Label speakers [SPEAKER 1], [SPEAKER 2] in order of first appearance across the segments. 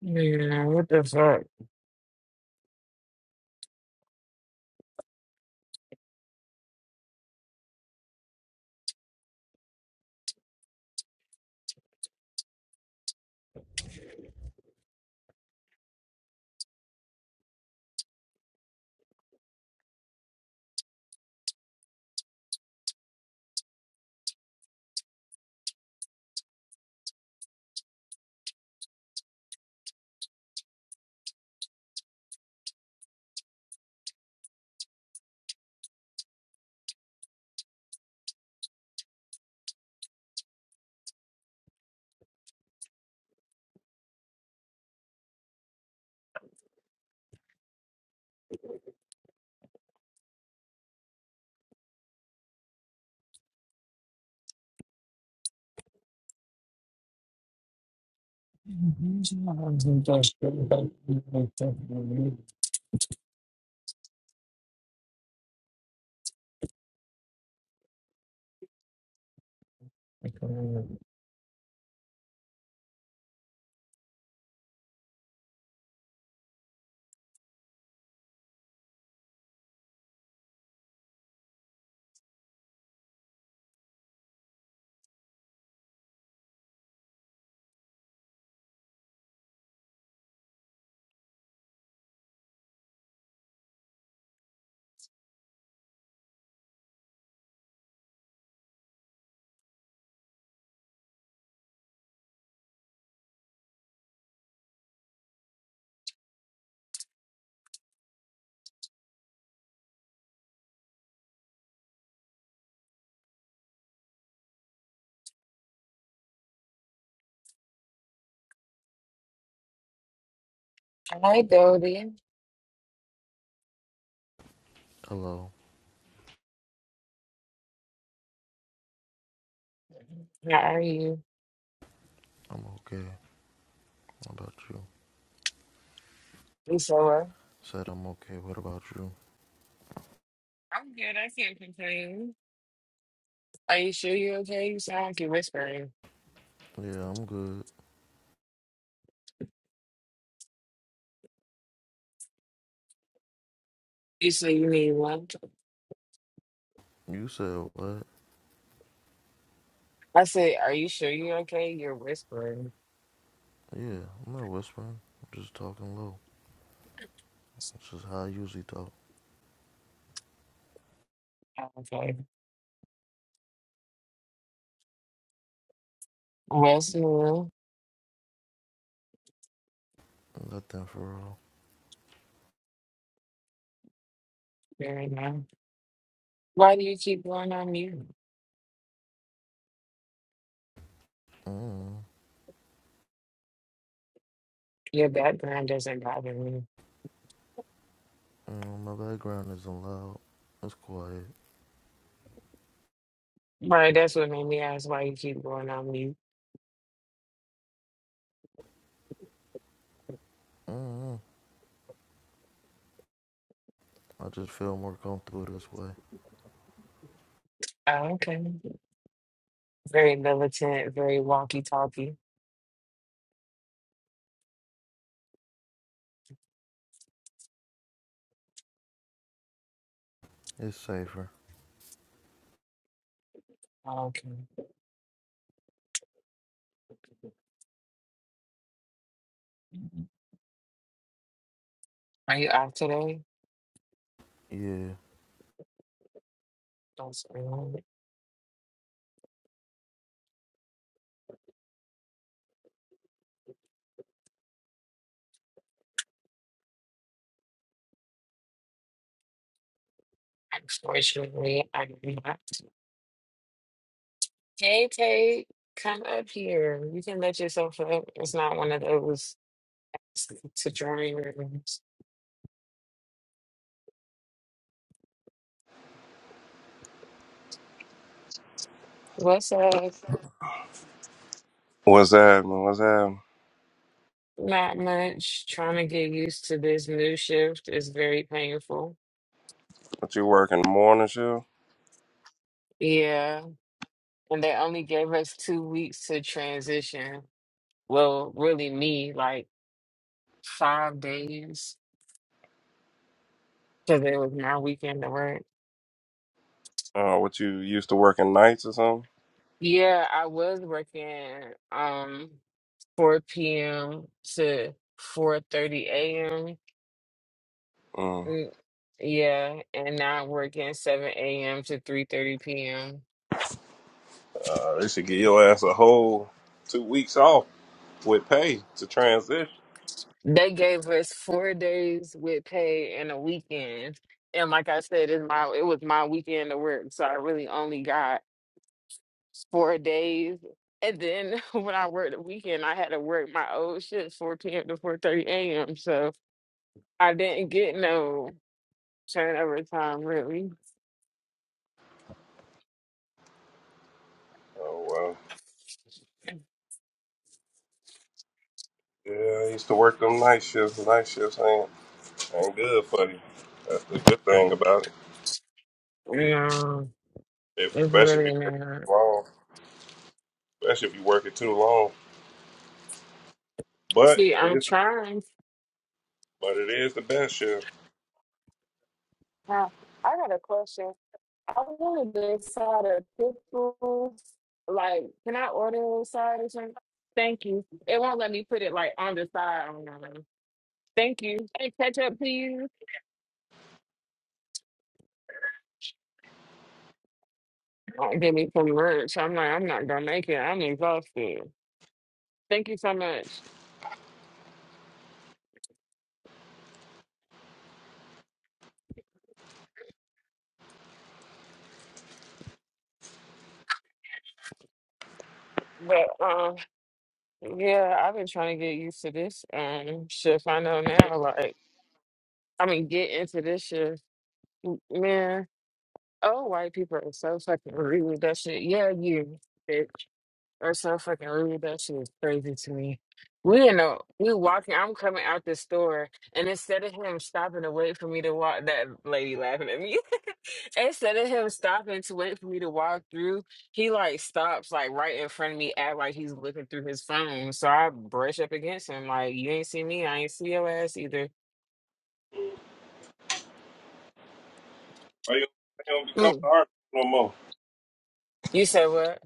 [SPEAKER 1] Yeah, what the fuck? Hi, Dodie.
[SPEAKER 2] Hello,
[SPEAKER 1] How are you?
[SPEAKER 2] I'm okay. How about you?
[SPEAKER 1] You so well?
[SPEAKER 2] Said I'm okay. What about you?
[SPEAKER 1] I'm good. I can't complain. Are you sure you're okay? You sound like you're whispering.
[SPEAKER 2] Yeah, I'm good.
[SPEAKER 1] You say you need one.
[SPEAKER 2] You said what?
[SPEAKER 1] I said, Are you sure you're okay? You're whispering.
[SPEAKER 2] Yeah, I'm not whispering, just talking low. How you?
[SPEAKER 1] "I'm Okay. Well, so
[SPEAKER 2] Nothing for all.
[SPEAKER 1] there you Why do you keep going on mute?
[SPEAKER 2] Mm.
[SPEAKER 1] Your background doesn't bother me.
[SPEAKER 2] mm my background isn't loud. It's quiet.
[SPEAKER 1] Right, that's what made me ask why you keep going on mute.
[SPEAKER 2] Mm. I just feel more comfortable this way.
[SPEAKER 1] Oh, okay. Very militant, very wonky talky.
[SPEAKER 2] It's safer.
[SPEAKER 1] Okay. Are you out today?
[SPEAKER 2] Yeah.
[SPEAKER 1] Don't say no. Unfortunately, I'm not. Hey, Tate, come up here. You can let yourself up. It's not one of those to drawing rooms. What's up?
[SPEAKER 3] What's happening? What's happening?
[SPEAKER 1] Not much. Trying to get used to this new shift is very painful.
[SPEAKER 3] What you working morning shift?
[SPEAKER 1] Yeah. And they only gave us two weeks to transition. Well, really, me, like five days. because it was my weekend to work.
[SPEAKER 3] Uh, what you used to working nights or something?
[SPEAKER 1] Yeah, I was working um 4 p.m. to 4:30 a.m.
[SPEAKER 3] Mm.
[SPEAKER 1] Mm, Yeah, and now I'm working 7 a.m. to 3:30 p.m.
[SPEAKER 3] Uh, they should give your ass a whole two weeks off with pay to transition.
[SPEAKER 1] They gave us four days with pay and a weekend. And like I said, it's my it was my weekend to work, so I really only got four days. And then when I worked the weekend, I had to work my old shift 4 p.m. to 4:30 a.m. So I didn't get no turnover time really.
[SPEAKER 3] Oh well. Yeah, I used to work them night shifts. Night shifts ain't ain't good for you. That's the good thing about it.
[SPEAKER 1] Yeah,
[SPEAKER 3] If,
[SPEAKER 1] it's
[SPEAKER 3] especially if you
[SPEAKER 1] really
[SPEAKER 3] work
[SPEAKER 1] not.
[SPEAKER 3] too long. Especially if you work it too long. But
[SPEAKER 1] See,
[SPEAKER 3] it
[SPEAKER 1] I'm
[SPEAKER 3] is
[SPEAKER 1] trying.
[SPEAKER 3] but it is the best shift.
[SPEAKER 1] Now, I got a question. I wanted the side of pickles. Like, can I order a side or something? Thank you. It won't let me put it like on the side. or nothing. Thank you. Hey, ketchup, please. Don't give me some lunch. I'm like, I'm not gonna make it. I'm exhausted. Thank you so much. But um, Yeah, I've been trying to get used to this um shift. I know now, like, I mean, get into this shift, man. Oh, white people are so fucking rude. That shit, yeah, you are so fucking rude. That shit is crazy to me. We in a we walking. I'm coming out the store, and instead of him stopping to wait for me to walk, that lady laughing at me. instead of him stopping to wait for me to walk through, he like stops like right in front of me, act like he's looking through his phone. So I brush up against him, like you ain't see me, I ain't see your ass either.
[SPEAKER 3] Why you, why you don't be coming
[SPEAKER 1] Mm.
[SPEAKER 3] to art no more?
[SPEAKER 1] You said what?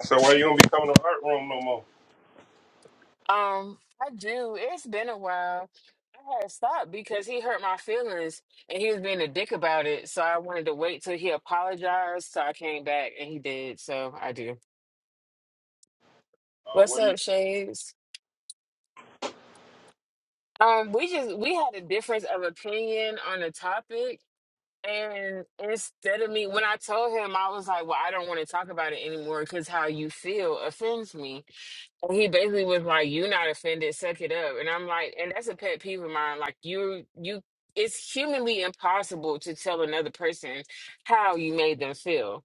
[SPEAKER 3] I said why you don't be coming to art room no more?
[SPEAKER 1] Um, I do. It's been a while. I had stopped because he hurt my feelings and he was being a dick about it. So I wanted to wait till he apologized. So I came back and he did. So I do.
[SPEAKER 3] Uh,
[SPEAKER 1] What's
[SPEAKER 3] what do
[SPEAKER 1] up, Shades? Um, we just we had a difference of opinion on the topic. And instead of me, when I told him, I was like, well, I don't want to talk about it anymore because how you feel offends me. And he basically was like, you not offended, suck it up." And I'm like, and that's a pet peeve of mine. Like you, you, it's humanly impossible to tell another person how you made them feel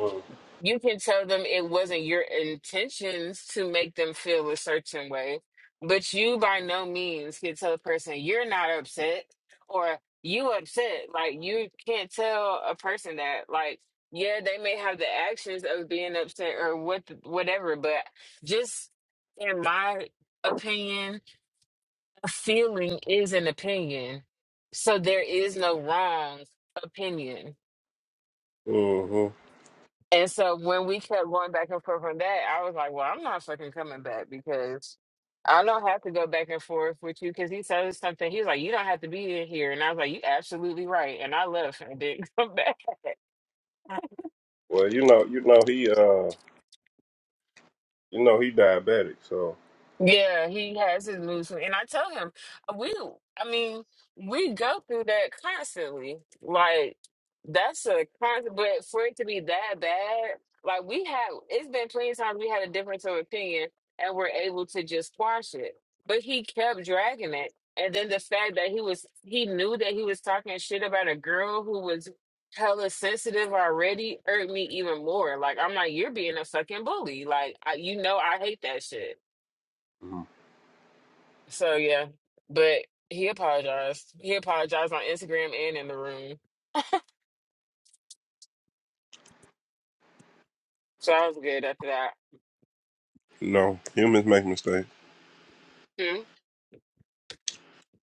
[SPEAKER 3] you?
[SPEAKER 1] you can tell them it wasn't your intentions to make them feel a certain way, but you by no means can tell a person you're not upset or you upset. Like you can't tell a person that. Like yeah, they may have the actions of being upset or what whatever, but just in my opinion, a feeling is an opinion. So there is no wrong opinion
[SPEAKER 3] hmm
[SPEAKER 1] And so when we kept going back and forth on that, I was like, well, I'm not fucking coming back because I don't have to go back and forth with you because he said something. He was like, you don't have to be in here. And I was like, you absolutely right. And I left and didn't come back.
[SPEAKER 3] Well, you know, you know he uh, you know he diabetic, so
[SPEAKER 1] Yeah, he has his mood and I tell him we. I mean, we go through that constantly. Like that's a constant, but for it to be that bad, like we have, it's been plenty of times we had a difference of opinion, and we're able to just squash it. But he kept dragging it, and then the fact that he was, he knew that he was talking shit about a girl who was hella sensitive already hurt me even more. Like I'm like, you're being a fucking bully. Like I, you know, I hate that shit.
[SPEAKER 3] Mhm.
[SPEAKER 1] So yeah, but he apologized. He apologized on Instagram and in the room. So I was good after that.
[SPEAKER 3] no humans make mistakes.
[SPEAKER 1] Hmm.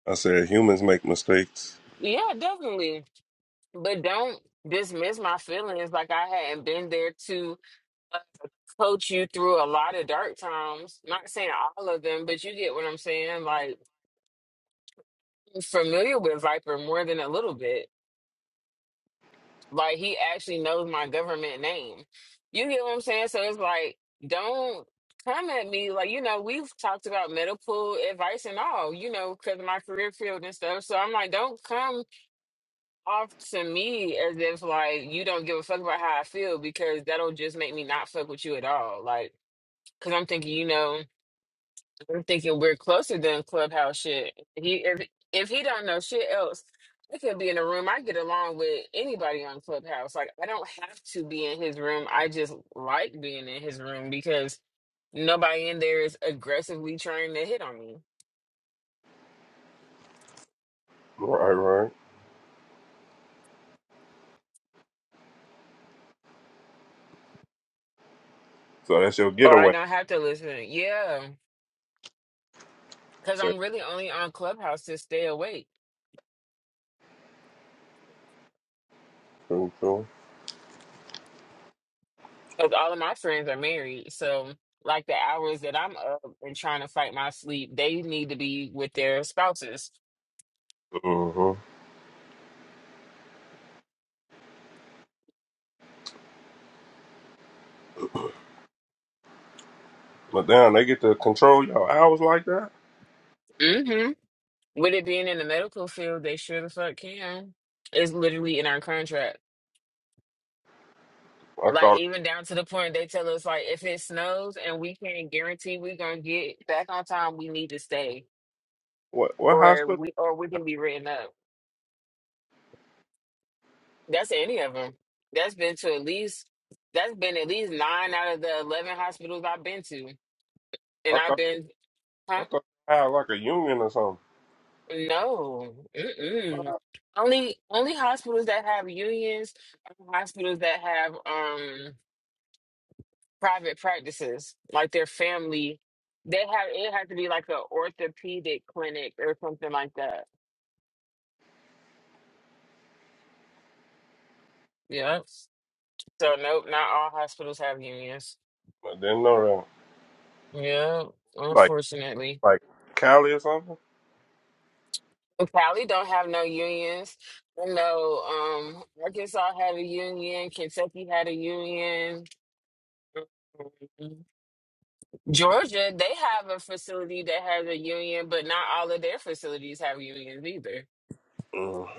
[SPEAKER 3] I said humans make mistakes.
[SPEAKER 1] Yeah, definitely. But don't dismiss my feelings like I hadn't been there to uh, coach you through a lot of dark times. Not saying all of them, but you get what I'm saying. Like I'm familiar with Viper more than a little bit. Like he actually knows my government name. You get what I'm saying? So it's like, don't come at me. Like, you know, we've talked about medical advice and all, you know, because of my career field and stuff. So I'm like, don't come off to me as if like you don't give a fuck about how I feel because that'll just make me not fuck with you at all. Like, because I'm thinking, you know. I'm thinking we're closer than clubhouse shit. He if if he don't know shit else, I could be in a room. I get along with anybody on Clubhouse. Like I don't have to be in his room. I just like being in his room because nobody in there is aggressively trying to hit on me.
[SPEAKER 3] Right, right. So that's your
[SPEAKER 1] Or I
[SPEAKER 3] getaway.
[SPEAKER 1] don't have to listen. Yeah. Cause
[SPEAKER 3] Said
[SPEAKER 1] I'm really only on Clubhouse to stay awake.
[SPEAKER 3] cool, cool.
[SPEAKER 1] Because all of my friends are married. So like the hours that I'm up and trying to fight my sleep, they need to be with their spouses.
[SPEAKER 3] hmm But damn, they get to control your hours like that.
[SPEAKER 1] Mm-hmm. With it being in the medical field, they sure the fuck can. It's literally in our contract.
[SPEAKER 3] I
[SPEAKER 1] Like
[SPEAKER 3] thought
[SPEAKER 1] even down to the point they tell us like if it snows and we can't guarantee we're gonna get back on time, we need to stay.
[SPEAKER 3] what what
[SPEAKER 1] Or
[SPEAKER 3] hospital?
[SPEAKER 1] we or we can be written up. That's any of them. That's been to at least that's been at least nine out of the eleven hospitals I've been to. And
[SPEAKER 3] I
[SPEAKER 1] I've
[SPEAKER 3] thought
[SPEAKER 1] been
[SPEAKER 3] I
[SPEAKER 1] huh?
[SPEAKER 3] thought they had like a union or something.
[SPEAKER 1] No. Mm-mm.
[SPEAKER 3] I
[SPEAKER 1] Only only hospitals that have unions are hospitals that have um private practices, like their family. They have it has to be like an orthopedic clinic or something like that. Yeah. So nope, not all hospitals have unions.
[SPEAKER 3] didn't know
[SPEAKER 1] Yeah,
[SPEAKER 3] that. Like
[SPEAKER 1] unfortunately.
[SPEAKER 3] like Cali or something.
[SPEAKER 1] Cali don't have no unions. I know um Arkansas had a union, Kentucky had a union. Mhm. Georgia, they have a facility that has a union, but not all of their facilities have unions either.
[SPEAKER 3] Mm,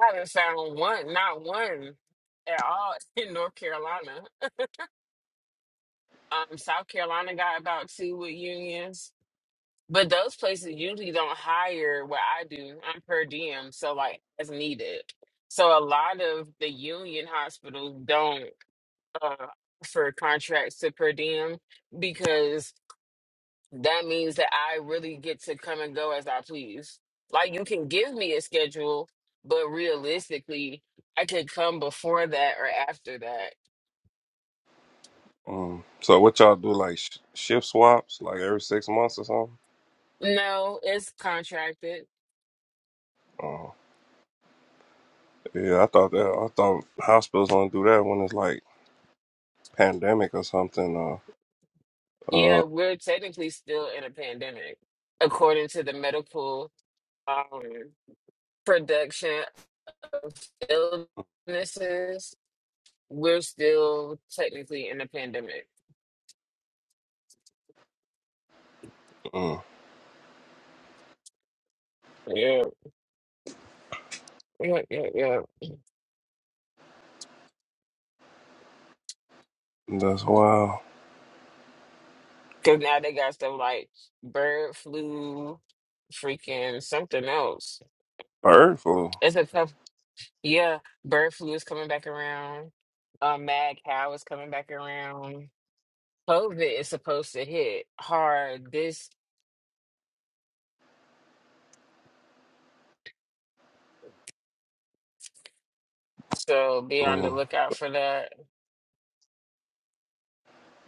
[SPEAKER 1] I haven't found one, not one at all in North Carolina. Um, South Carolina got about two with unions, but those places usually don't hire what I do. I'm per diem, so like as needed. So a lot of the union hospitals don't uh, offer contracts to per diem because that means that I really get to come and go as I please. Like you can give me a schedule, but realistically, I could come before that or after that.
[SPEAKER 3] mm. So what y'all do? Like sh- shift swaps, like every six months or something.
[SPEAKER 1] No, it's contracted.
[SPEAKER 3] Yeah, I thought that. I thought hospitals only do that when it's like pandemic or something. Uh,
[SPEAKER 1] Yeah,
[SPEAKER 3] uh,
[SPEAKER 1] we're technically still in a pandemic, according to the medical um, production illnesses. We're still technically in a pandemic.
[SPEAKER 3] mm,
[SPEAKER 1] Yeah, yeah, yeah, yeah.
[SPEAKER 3] that's wild.
[SPEAKER 1] Cause now they got stuff like bird flu, freaking something else.
[SPEAKER 3] Bird flu.
[SPEAKER 1] It's a tough yeah, bird flu is coming back around. Um mad cow is coming back around. COVID is supposed to hit hard this so be on the
[SPEAKER 3] Mm,
[SPEAKER 1] lookout for that.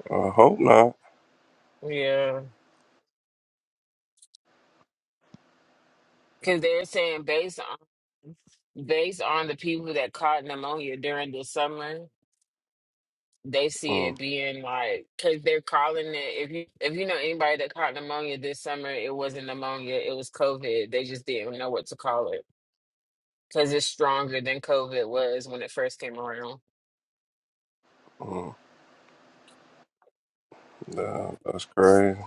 [SPEAKER 3] I hope not.
[SPEAKER 1] Yeah. Cause they're saying based on based on the people that caught pneumonia during the summer. they see
[SPEAKER 3] Mm,
[SPEAKER 1] it being like because they're calling it if you if you know anybody that caught pneumonia this summer it wasn't pneumonia it was covid they just didn't know what to call it because it's stronger than covid was when it first came around
[SPEAKER 3] mm, nah, that's crazy.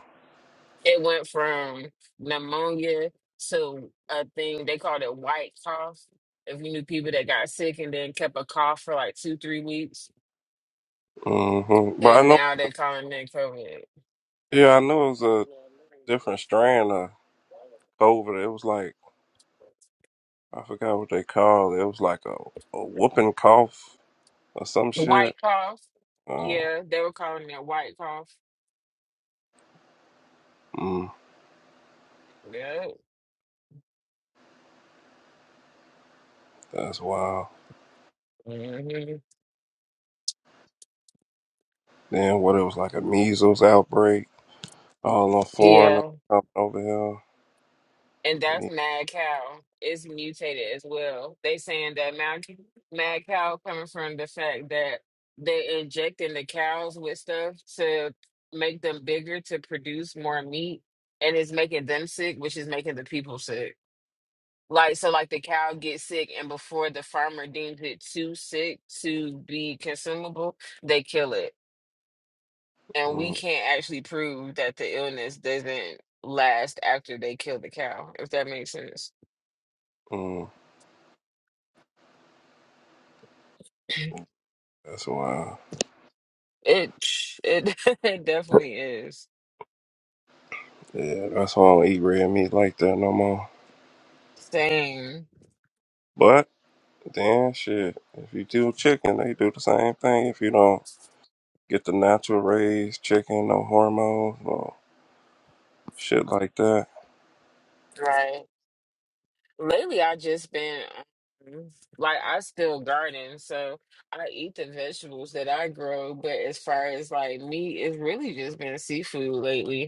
[SPEAKER 1] it went from pneumonia to a thing they called it white cough if you knew people that got sick and then kept a cough for like two three weeks
[SPEAKER 3] hmm But I
[SPEAKER 1] and
[SPEAKER 3] know.
[SPEAKER 1] now they're calling it covid
[SPEAKER 3] Yeah, I know it was a different strand of COVID. It was like I forgot what they called. It It was like a, a whooping cough or some
[SPEAKER 1] The
[SPEAKER 3] shit.
[SPEAKER 1] white cough.
[SPEAKER 3] Uh,
[SPEAKER 1] Yeah, they were calling it white cough.
[SPEAKER 3] mm,
[SPEAKER 1] Yeah.
[SPEAKER 3] that's wild.
[SPEAKER 1] hmm
[SPEAKER 3] Then what? It was like a measles outbreak. All on foreigners
[SPEAKER 1] Yeah.
[SPEAKER 3] coming over here.
[SPEAKER 1] And that's
[SPEAKER 3] meat.
[SPEAKER 1] mad cow. It's mutated as well. They saying that mad, mad cow coming from the fact that they injecting the cows with stuff to make them bigger to produce more meat and it's making them sick, which is making the people sick. Like so like the cow gets sick and before the farmer deems it too sick to be consumable, they kill it. and we
[SPEAKER 3] Mm,
[SPEAKER 1] can't actually prove that the illness doesn't last after they kill the cow if that makes sense
[SPEAKER 3] mm. That's why.
[SPEAKER 1] it it, it definitely is
[SPEAKER 3] Yeah, that's why I don't eat red meat like that no more.
[SPEAKER 1] same
[SPEAKER 3] But then shit, if you do chicken, they do the same thing. If you don't get the natural raised chicken, no hormones, no shit like that.
[SPEAKER 1] right lately i just been um, like i still garden so i eat the vegetables that i grow but as far as like meat it's really just been seafood lately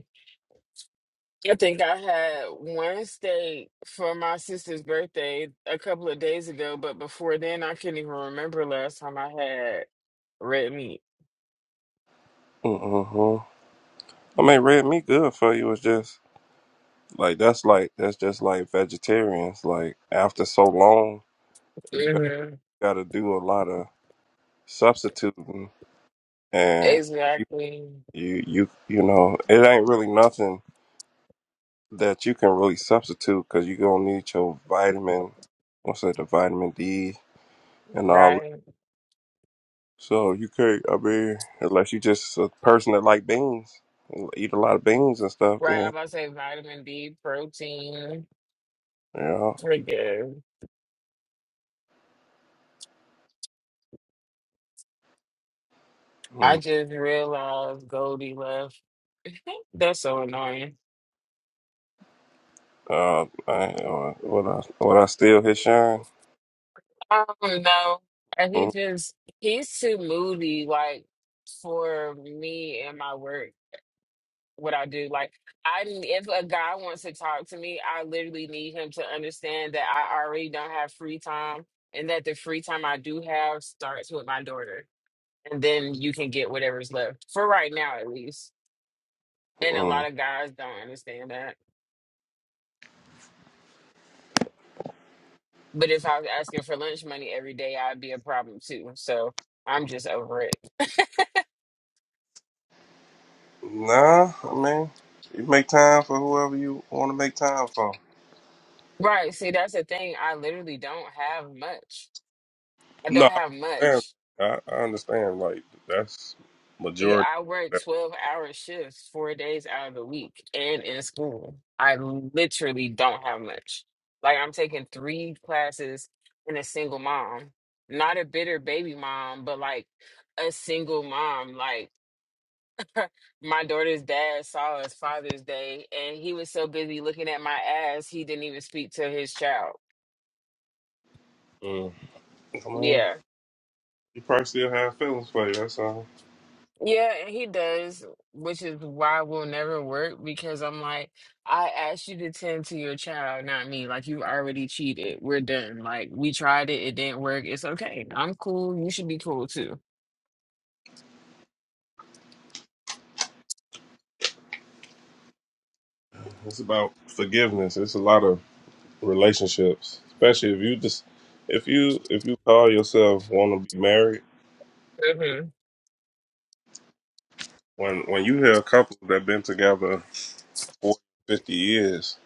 [SPEAKER 1] I think I had one steak for my sister's birthday a couple of days ago, but before then, I couldn't even remember last time I had red meat.
[SPEAKER 3] Mm-hmm. I mean, red meat good for you. It's just like that's like that's just like vegetarians. Like after so long, you got,
[SPEAKER 1] hmm
[SPEAKER 3] got to do a lot of substituting, and you
[SPEAKER 1] Exactly.
[SPEAKER 3] you you you know it ain't really nothing that you can really substitute because you're gonna need your vitamin, what's that, the vitamin D and all. that.
[SPEAKER 1] Right.
[SPEAKER 3] So you can't. I mean, unless you just a person that like beans, eat a lot of beans and stuff,
[SPEAKER 1] Right. I'm
[SPEAKER 3] then
[SPEAKER 1] about to say vitamin D, protein.
[SPEAKER 3] you know.
[SPEAKER 1] Forget. I
[SPEAKER 3] Mm.
[SPEAKER 1] just realized Goldie left. That's so annoying.
[SPEAKER 3] Uh, I, uh, what I what I still hit shine?
[SPEAKER 1] I don't know. And he just, he's too moody, like, for me and my work. what I do. Like I if a guy wants to talk to me, I literally need him to understand that I already don't have free time and that the free time I do have starts with my daughter. And then you can get whatever's left. For right now at least. And a
[SPEAKER 3] Mm-mm.
[SPEAKER 1] lot of guys don't understand that. But if I was asking for lunch money every day, I'd be a problem too. So I'm just over it.
[SPEAKER 3] Nah, I mean, you make time for whoever you want to make time for.
[SPEAKER 1] Right. See, that's the thing. I literally don't have much. I don't
[SPEAKER 3] No,
[SPEAKER 1] have
[SPEAKER 3] I understand.
[SPEAKER 1] much.
[SPEAKER 3] I, I understand. Like that's
[SPEAKER 1] Yeah,
[SPEAKER 3] majority.
[SPEAKER 1] I work 12 hour shifts, four days out of the week, and in school. I literally don't have much. Like, I'm taking three classes and a single mom. Not a bitter baby mom, but like a single mom. Like, my daughter's dad saw us Father's Day, and he was so busy looking at my ass, he didn't even speak to his child.
[SPEAKER 3] Mm. I mean,
[SPEAKER 1] Yeah.
[SPEAKER 3] You probably still have feelings for you. That's all.
[SPEAKER 1] Yeah, and he does, which is why we'll never work because I'm like, I asked you to tend to your child, not me. Like, you already cheated. We're done. Like, we tried it, it didn't work. It's okay. I'm cool. You should be cool too.
[SPEAKER 3] It's about forgiveness. It's a lot of relationships, especially if you just if you if you call yourself want to be married.
[SPEAKER 1] hmm
[SPEAKER 3] When when you hear a couple that been together 40, 50 years,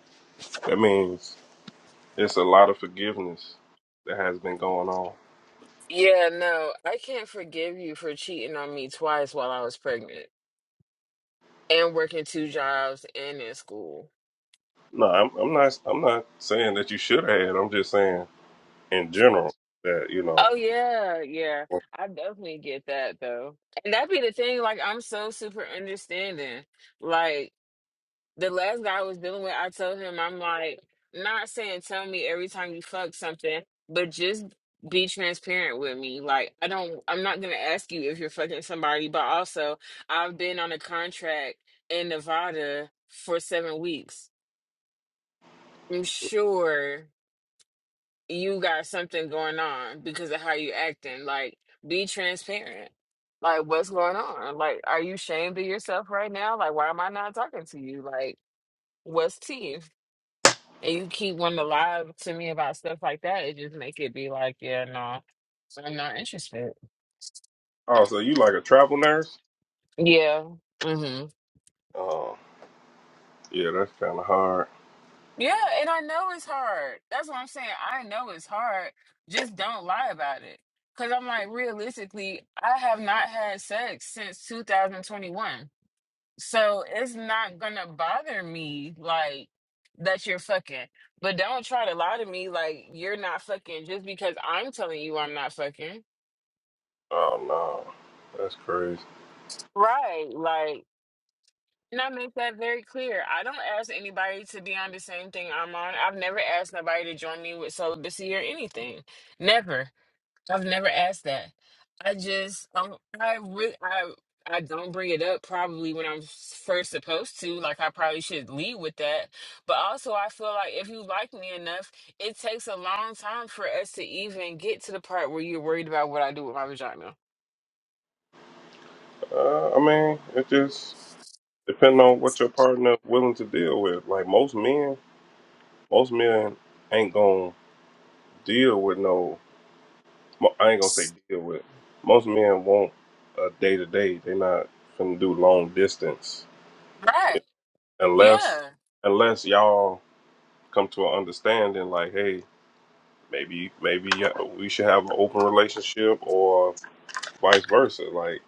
[SPEAKER 3] that means it's a lot of forgiveness that has been going on.
[SPEAKER 1] Yeah, no, I can't forgive you for cheating on me twice while I was pregnant and working two jobs and in school.
[SPEAKER 3] No, I'm, I'm not. I'm not saying that you should have. I'm just saying in general that you know.
[SPEAKER 1] Oh, yeah, yeah. I definitely get that though. And that'd be the thing. Like, I'm so super understanding. Like. the last guy I was dealing with, I told him, I'm like, not saying tell me every time you fuck something, but just be transparent with me. Like, I don't, I'm not gonna ask you if you're fucking somebody, but also, I've been on a contract in Nevada for seven weeks. I'm sure you got something going on because of how you acting. Like, be transparent. Like, what's going on? Like, are you ashamed of yourself right now? Like, why am I not talking to you? Like, what's tea? and you keep wanting to lie to me about stuff like that, it just make it be like, yeah, no, I'm not interested.
[SPEAKER 3] Oh, so you like a travel nurse?
[SPEAKER 1] Yeah. hmm
[SPEAKER 3] Oh, yeah, that's kind of hard.
[SPEAKER 1] Yeah, and I know it's hard. That's what I'm saying. I know it's hard. Just don't lie about it. Cause I'm like, realistically, I have not had sex since 2021. So it's not gonna bother me like that you're fucking. But don't try to lie to me like you're not fucking just because I'm telling you I'm not fucking.
[SPEAKER 3] Oh no, that's crazy.
[SPEAKER 1] Right. like. And I make that very clear. I don't ask anybody to be on the same thing I'm on. I've never asked nobody to join me with celibacy or anything. Never. I've never asked that. I just um I really I I don't bring it up probably when I'm s- first supposed to. Like I probably should lead with that. But also I feel like if you like me enough, it takes a long time for us to even get to the part where you're worried about what I do with my vagina.
[SPEAKER 3] Uh, I mean, it just depends on what your partner willing to deal with. Like most men, most men ain't gonna deal with no. mo- I ain't gonna say deal with. Most men want a day to day. They not finna do long distance
[SPEAKER 1] Right.
[SPEAKER 3] Yeah, unless
[SPEAKER 1] Yeah.
[SPEAKER 3] unless y'all come to an understanding. Like, hey, maybe maybe uh, we should have an open relationship or vice versa. Like,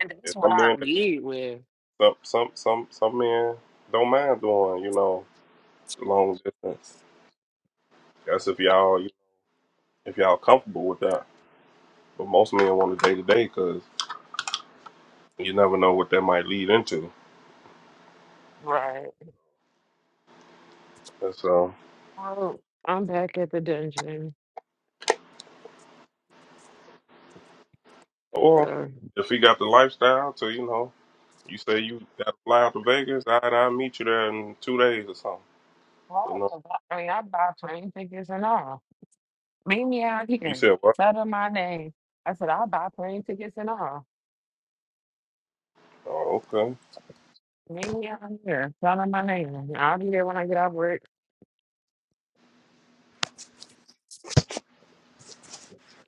[SPEAKER 1] And that's
[SPEAKER 3] it's
[SPEAKER 1] what
[SPEAKER 3] some
[SPEAKER 1] I
[SPEAKER 3] men
[SPEAKER 1] lead with.
[SPEAKER 3] that some some some some men don't mind doing. You know long distance. That's if y'all if y'all comfortable with that. But most men want a day to day because you never know what that might lead into.
[SPEAKER 1] Right.
[SPEAKER 3] And so,
[SPEAKER 1] Oh, I'm back at the dungeon.
[SPEAKER 3] or
[SPEAKER 1] So,
[SPEAKER 3] if he got the lifestyle to you know, you say you got to fly out to Vegas, I and I meet you there in two days or something. You
[SPEAKER 1] oh,
[SPEAKER 3] know,
[SPEAKER 1] 'cause I I mean, I buy plane tickets and all. Meet me out
[SPEAKER 3] you
[SPEAKER 1] here.
[SPEAKER 3] said what?
[SPEAKER 1] Settle my name. I said, I'll buy plane tickets and all.
[SPEAKER 3] Oh, okay.
[SPEAKER 1] Meet me out here. Settle my name. I'll be there when I get off work.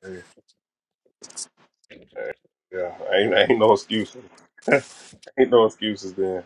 [SPEAKER 3] Hey, hey, yeah, ain't ain't no excuses. ain't no excuses